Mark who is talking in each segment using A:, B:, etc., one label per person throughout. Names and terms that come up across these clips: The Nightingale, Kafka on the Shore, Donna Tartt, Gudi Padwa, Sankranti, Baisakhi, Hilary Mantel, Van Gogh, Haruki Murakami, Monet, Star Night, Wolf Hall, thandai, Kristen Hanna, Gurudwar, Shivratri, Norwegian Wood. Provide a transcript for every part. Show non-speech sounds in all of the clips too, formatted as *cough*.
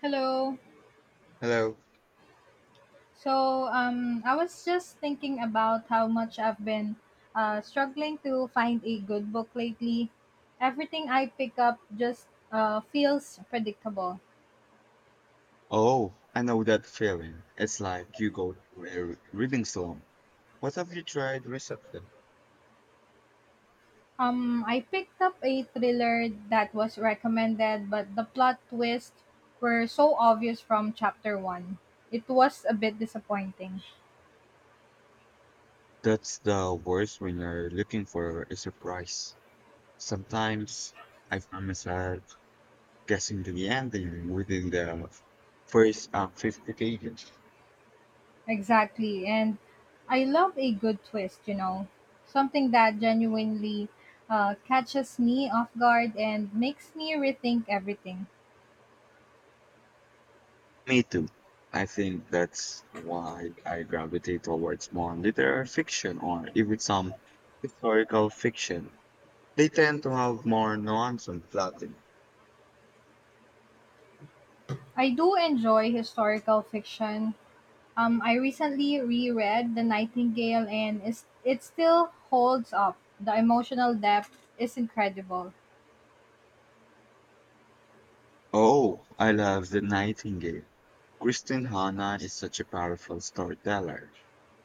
A: Hello.
B: Hello.
A: So, I was just thinking about how much I've been struggling to find a good book lately. Everything I pick up just feels predictable.
B: Oh, I know that feeling. It's like you go through a reading slump. What have you tried recently?
A: I picked up a thriller that was recommended, but the plot twists were so obvious from chapter one. It was a bit disappointing.
B: That's the worst when you're looking for a surprise. Sometimes I find myself guessing the ending within the first 50 pages.
A: Exactly. And I love a good twist, you know, something that genuinely catches me off guard and makes me rethink everything.
B: Me too. I think that's why I gravitate towards more literary fiction or even some historical fiction. They tend to have more nuance and plotting.
A: I do enjoy historical fiction. I recently reread The Nightingale and it still holds up. The emotional depth is incredible.
B: Oh, I love The Nightingale. Kristen Hanna is such a powerful storyteller.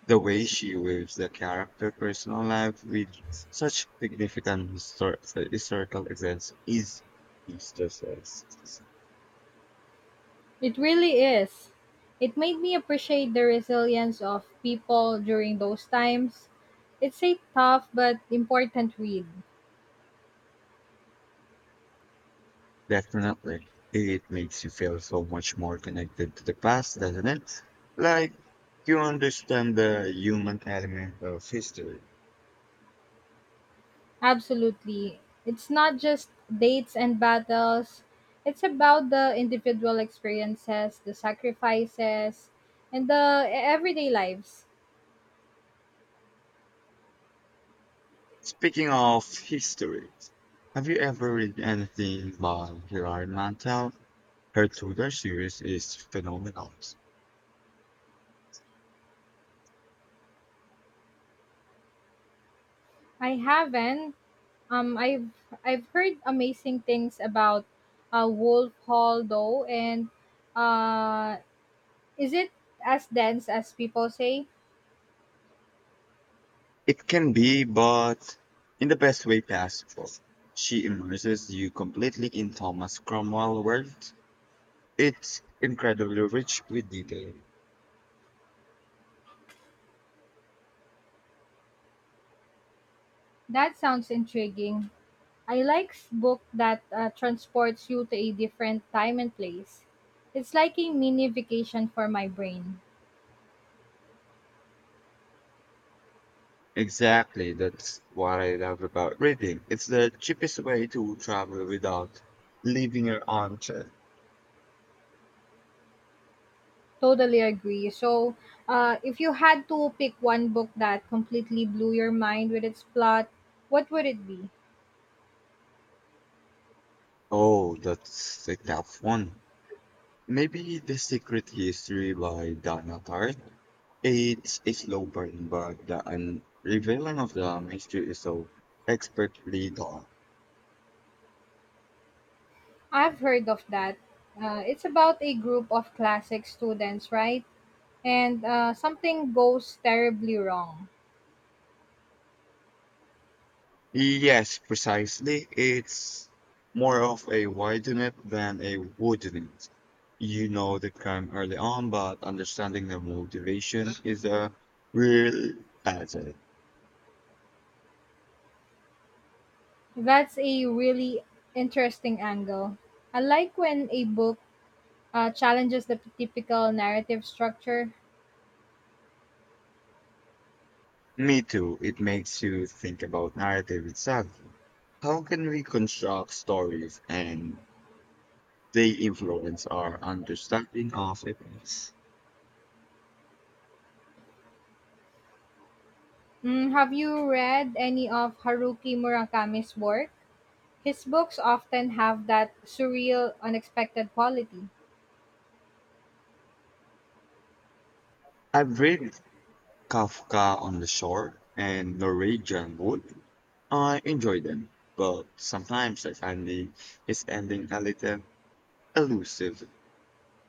B: The way she weaves the character personal life with such significant historical events is priceless.
A: It really is. It made me appreciate the resilience of people during those times. It's a tough but important read.
B: Definitely. It makes you feel so much more connected to the past, doesn't it? Like you understand the human element of history.
A: Absolutely. It's not just dates and battles, it's about the individual experiences, the sacrifices, and the everyday lives.
B: Speaking of history, have you ever read anything by Hilary Mantel? Her Tudor series is phenomenal.
A: I haven't. Um, I've I've heard amazing things about Wolf Hall though, and uh, is it as dense as people say?
B: It can be, but in the best way possible. She immerses you completely in Thomas Cromwell's world. It's incredibly rich with detail.
A: That sounds intriguing. I like book that transports you to a different time and place. It's like a mini vacation for my brain.
B: Exactly, that's what I love about reading. It's the cheapest way to travel without leaving your armchair.
A: Totally agree. So, if you had to pick one book that completely blew your mind with its plot, what would it be?
B: Oh, that's a tough one. Maybe The Secret History by Donna Tartt. It's a slow burn, but the unveiling of the mystery is so expertly done.
A: I've heard of that. It's about a group of classic students, right? And something goes terribly wrong.
B: Yes, precisely. It's more of a widen it than a wooden it. You know the crime early on, but understanding the motivation is a real puzzle.
A: That's a really interesting angle. I like when a book challenges the typical narrative structure.
B: Me too. It makes you think about narrative itself. How can we construct stories and they influence our understanding of events.
A: Mm, have you read any of Haruki Murakami's work? His books often have that surreal, unexpected quality.
B: I've read Kafka on the Shore and Norwegian Wood. I enjoy them, but sometimes I find the his ending a little elusive.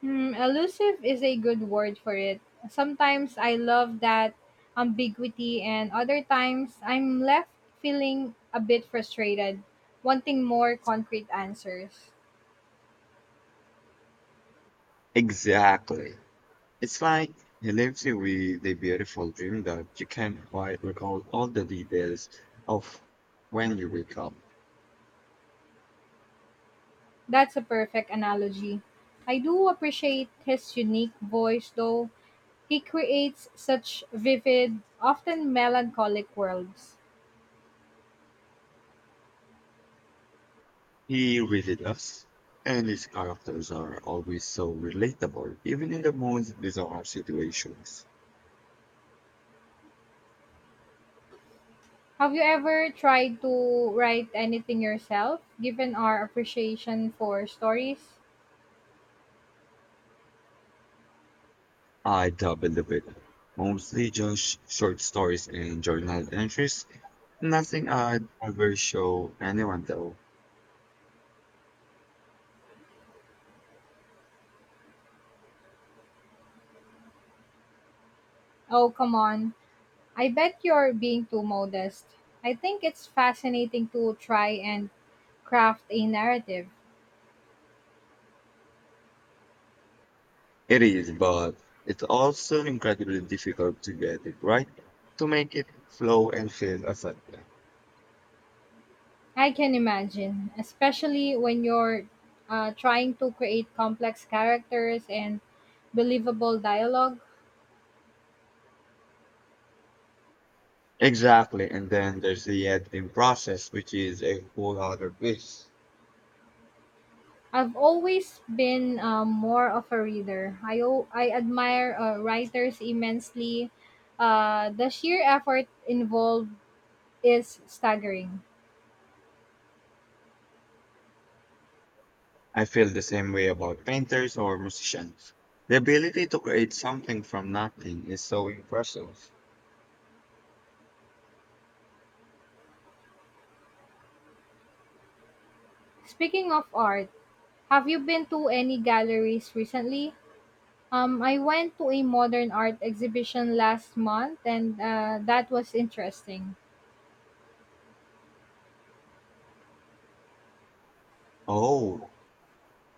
A: Hmm, elusive is a good word for it. Sometimes I love that ambiguity, and other times I'm left feeling a bit frustrated, wanting more concrete answers.
B: Exactly. It's like he leaves you with a beautiful dream that you can't quite recall all the details of when you wake up.
A: That's a perfect analogy. I do appreciate his unique voice, though he creates such vivid, often melancholic worlds.
B: He really does. And his characters are always so relatable, even in the most bizarre situations.
A: Have you ever tried to write anything yourself, given our appreciation for stories?
B: I double the bit. Mostly just short stories and journal entries. Nothing I'd ever show anyone though.
A: Oh, come on. I bet you're being too modest. I think it's fascinating to try and craft a narrative.
B: It is, but it's also incredibly difficult to get it right, to make it flow and feel effective.
A: I can imagine, especially when you're trying to create complex characters and believable dialogue.
B: Exactly, and then there's the editing process, which is a whole other beast.
A: I've always been more of a reader. I admire writers immensely. The sheer effort involved is staggering.
B: I feel the same way about painters or musicians. The ability to create something from nothing is so impressive.
A: Speaking of art, have you been to any galleries recently? I went to a modern art exhibition last month, and that was interesting.
B: Oh,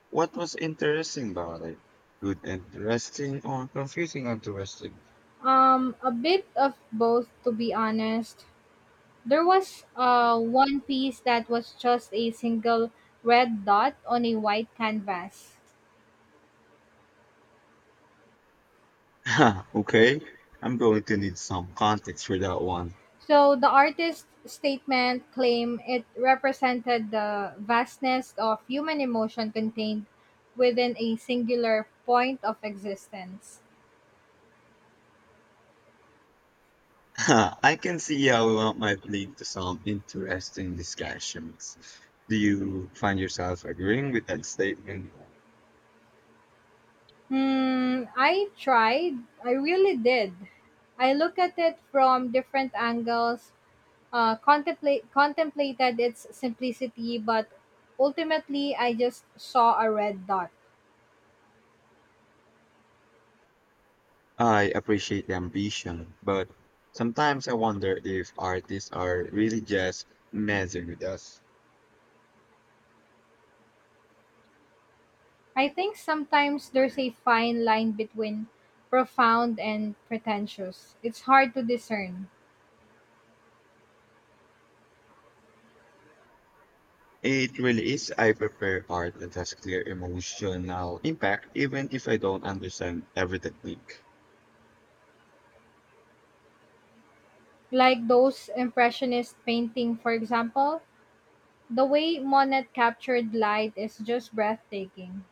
B: what was interesting about it? Good, interesting, or confusing, interesting? *laughs*
A: A bit of both, to be honest. There was one piece that was just a single red dot on a white canvas.
B: Huh, okay, I'm going to need some context for that one.
A: So the artist's statement claimed it represented the vastness of human emotion contained within a singular point of existence.
B: *laughs* Huh, I can see how that might lead to some interesting discussions. Do you find yourself agreeing with that statement?
A: Hmm, I tried. I really did. I look at it from different angles, contemplated its simplicity, but ultimately I just saw a red dot.
B: I appreciate the ambition, but sometimes I wonder if artists are really just messing with us.
A: I think sometimes there's a fine line between profound and pretentious. It's hard to discern.
B: It really is. I prefer art that has clear emotional impact, even if I don't understand every technique.
A: Like those impressionist painting, for example, the way Monet captured light is just breathtaking.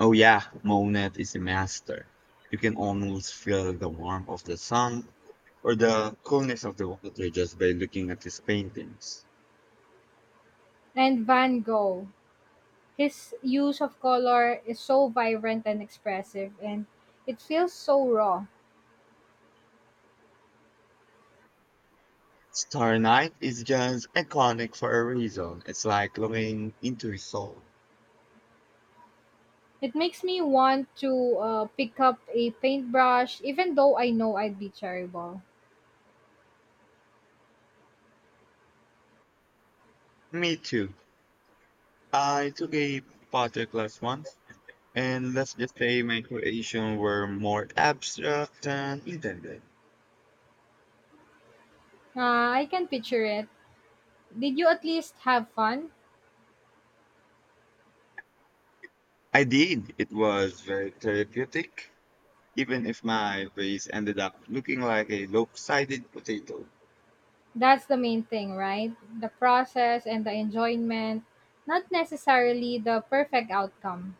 B: Oh yeah, Monet is a master. You can almost feel the warmth of the sun or the coolness of the water just by looking at his paintings.
A: And Van Gogh, his use of color is so vibrant and expressive, and it feels so raw.
B: Star Night is just iconic for a reason. It's like looking into his soul.
A: It makes me want to pick up a paintbrush, even though I know I'd be terrible.
B: Me too. I took a potter class once, and let's just say my creations were more abstract than intended.
A: Ah, I can picture it. Did you at least have fun?
B: I did. It was very therapeutic, even if my vase ended up looking like a lopsided potato.
A: That's the main thing, right? The process and the enjoyment, not necessarily the perfect outcome.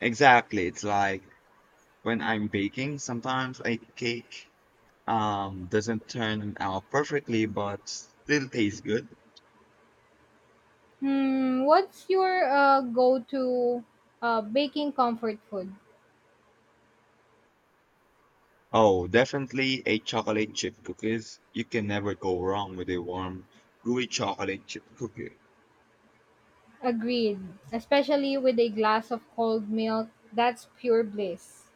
B: Exactly. It's like when I'm baking, sometimes a cake doesn't turn out perfectly, but still tastes good.
A: Hmm, what's your go to baking comfort food?
B: Oh, definitely a chocolate chip cookies. You can never go wrong with a warm, gooey chocolate chip cookie.
A: Agreed. Especially with a glass of cold milk, that's pure bliss.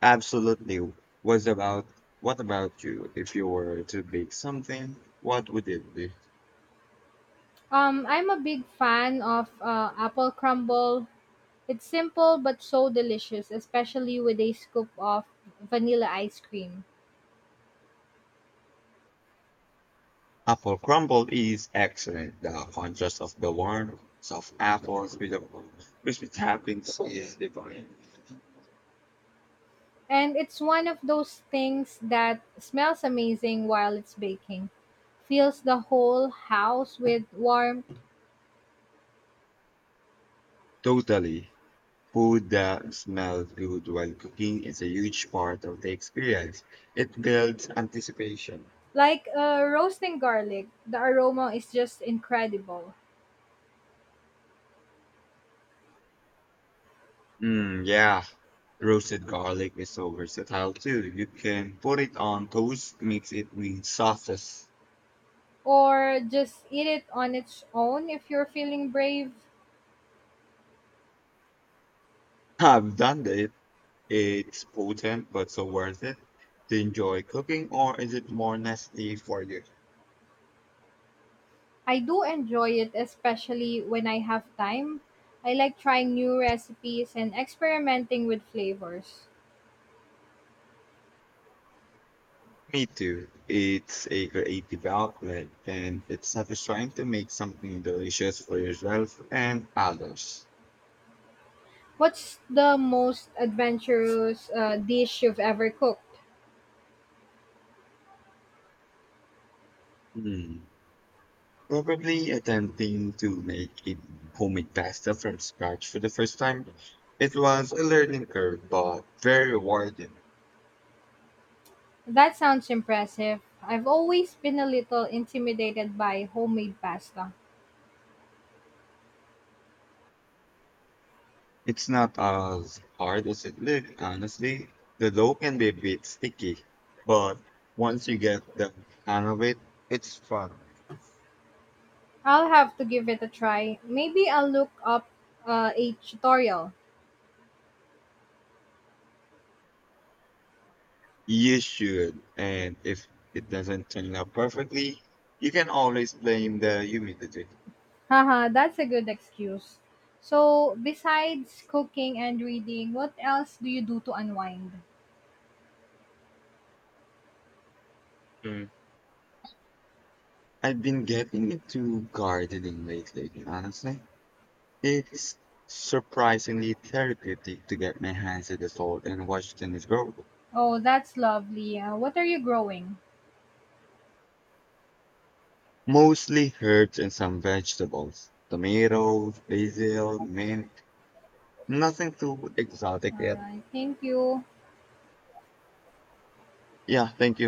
B: Absolutely. Was about what about you? If you were to bake something, what would it be?
A: I'm a big fan of apple crumble. It's simple but so delicious, especially with a scoop of vanilla ice cream.
B: Apple crumble is excellent. The contrast of the warm, soft apples with the crispy toppings is divine.
A: And it's one of those things that smells amazing while it's baking. Fills the whole house with warmth.
B: Totally. Food that smells good while cooking is a huge part of the experience. It builds anticipation.
A: Like roasting garlic, the aroma is just incredible.
B: Mm, yeah, roasted garlic is so versatile too. You can put it on toast, mix it with sauces.
A: Or just eat it on its own if you're feeling brave.
B: *laughs* I've done it. It's potent, but so worth it. Do you enjoy cooking, or is it more nasty for you?
A: I do enjoy it, especially when I have time. I like trying new recipes and experimenting with flavors.
B: Me too. It's a creative outlet, and it's satisfying to make something delicious for yourself and others.
A: What's the most adventurous dish you've ever cooked?
B: Hmm. Probably attempting to make it homemade pasta from scratch for the first time. It was a learning curve, but very rewarding.
A: That sounds impressive. I've always been a little intimidated by homemade pasta.
B: It's not as hard as it looked, honestly. The dough can be a bit sticky, but once you get the hang of it, it's fun.
A: I'll have to give it a try. Maybe I'll look up a tutorial.
B: You should, and if it doesn't turn out perfectly, you can always blame the humidity.
A: Haha, that's a good excuse. So, besides cooking and reading, what else do you do to unwind?
B: Mm. I've been getting into gardening lately, honestly. It's surprisingly therapeutic to get my hands in the salt and watch things grow.
A: Oh, that's lovely. What are you growing?
B: Mostly herbs and some vegetables. Tomatoes, basil, mint. Nothing too exotic
A: All
B: yet.
A: right. Thank you.
B: Yeah, thank you.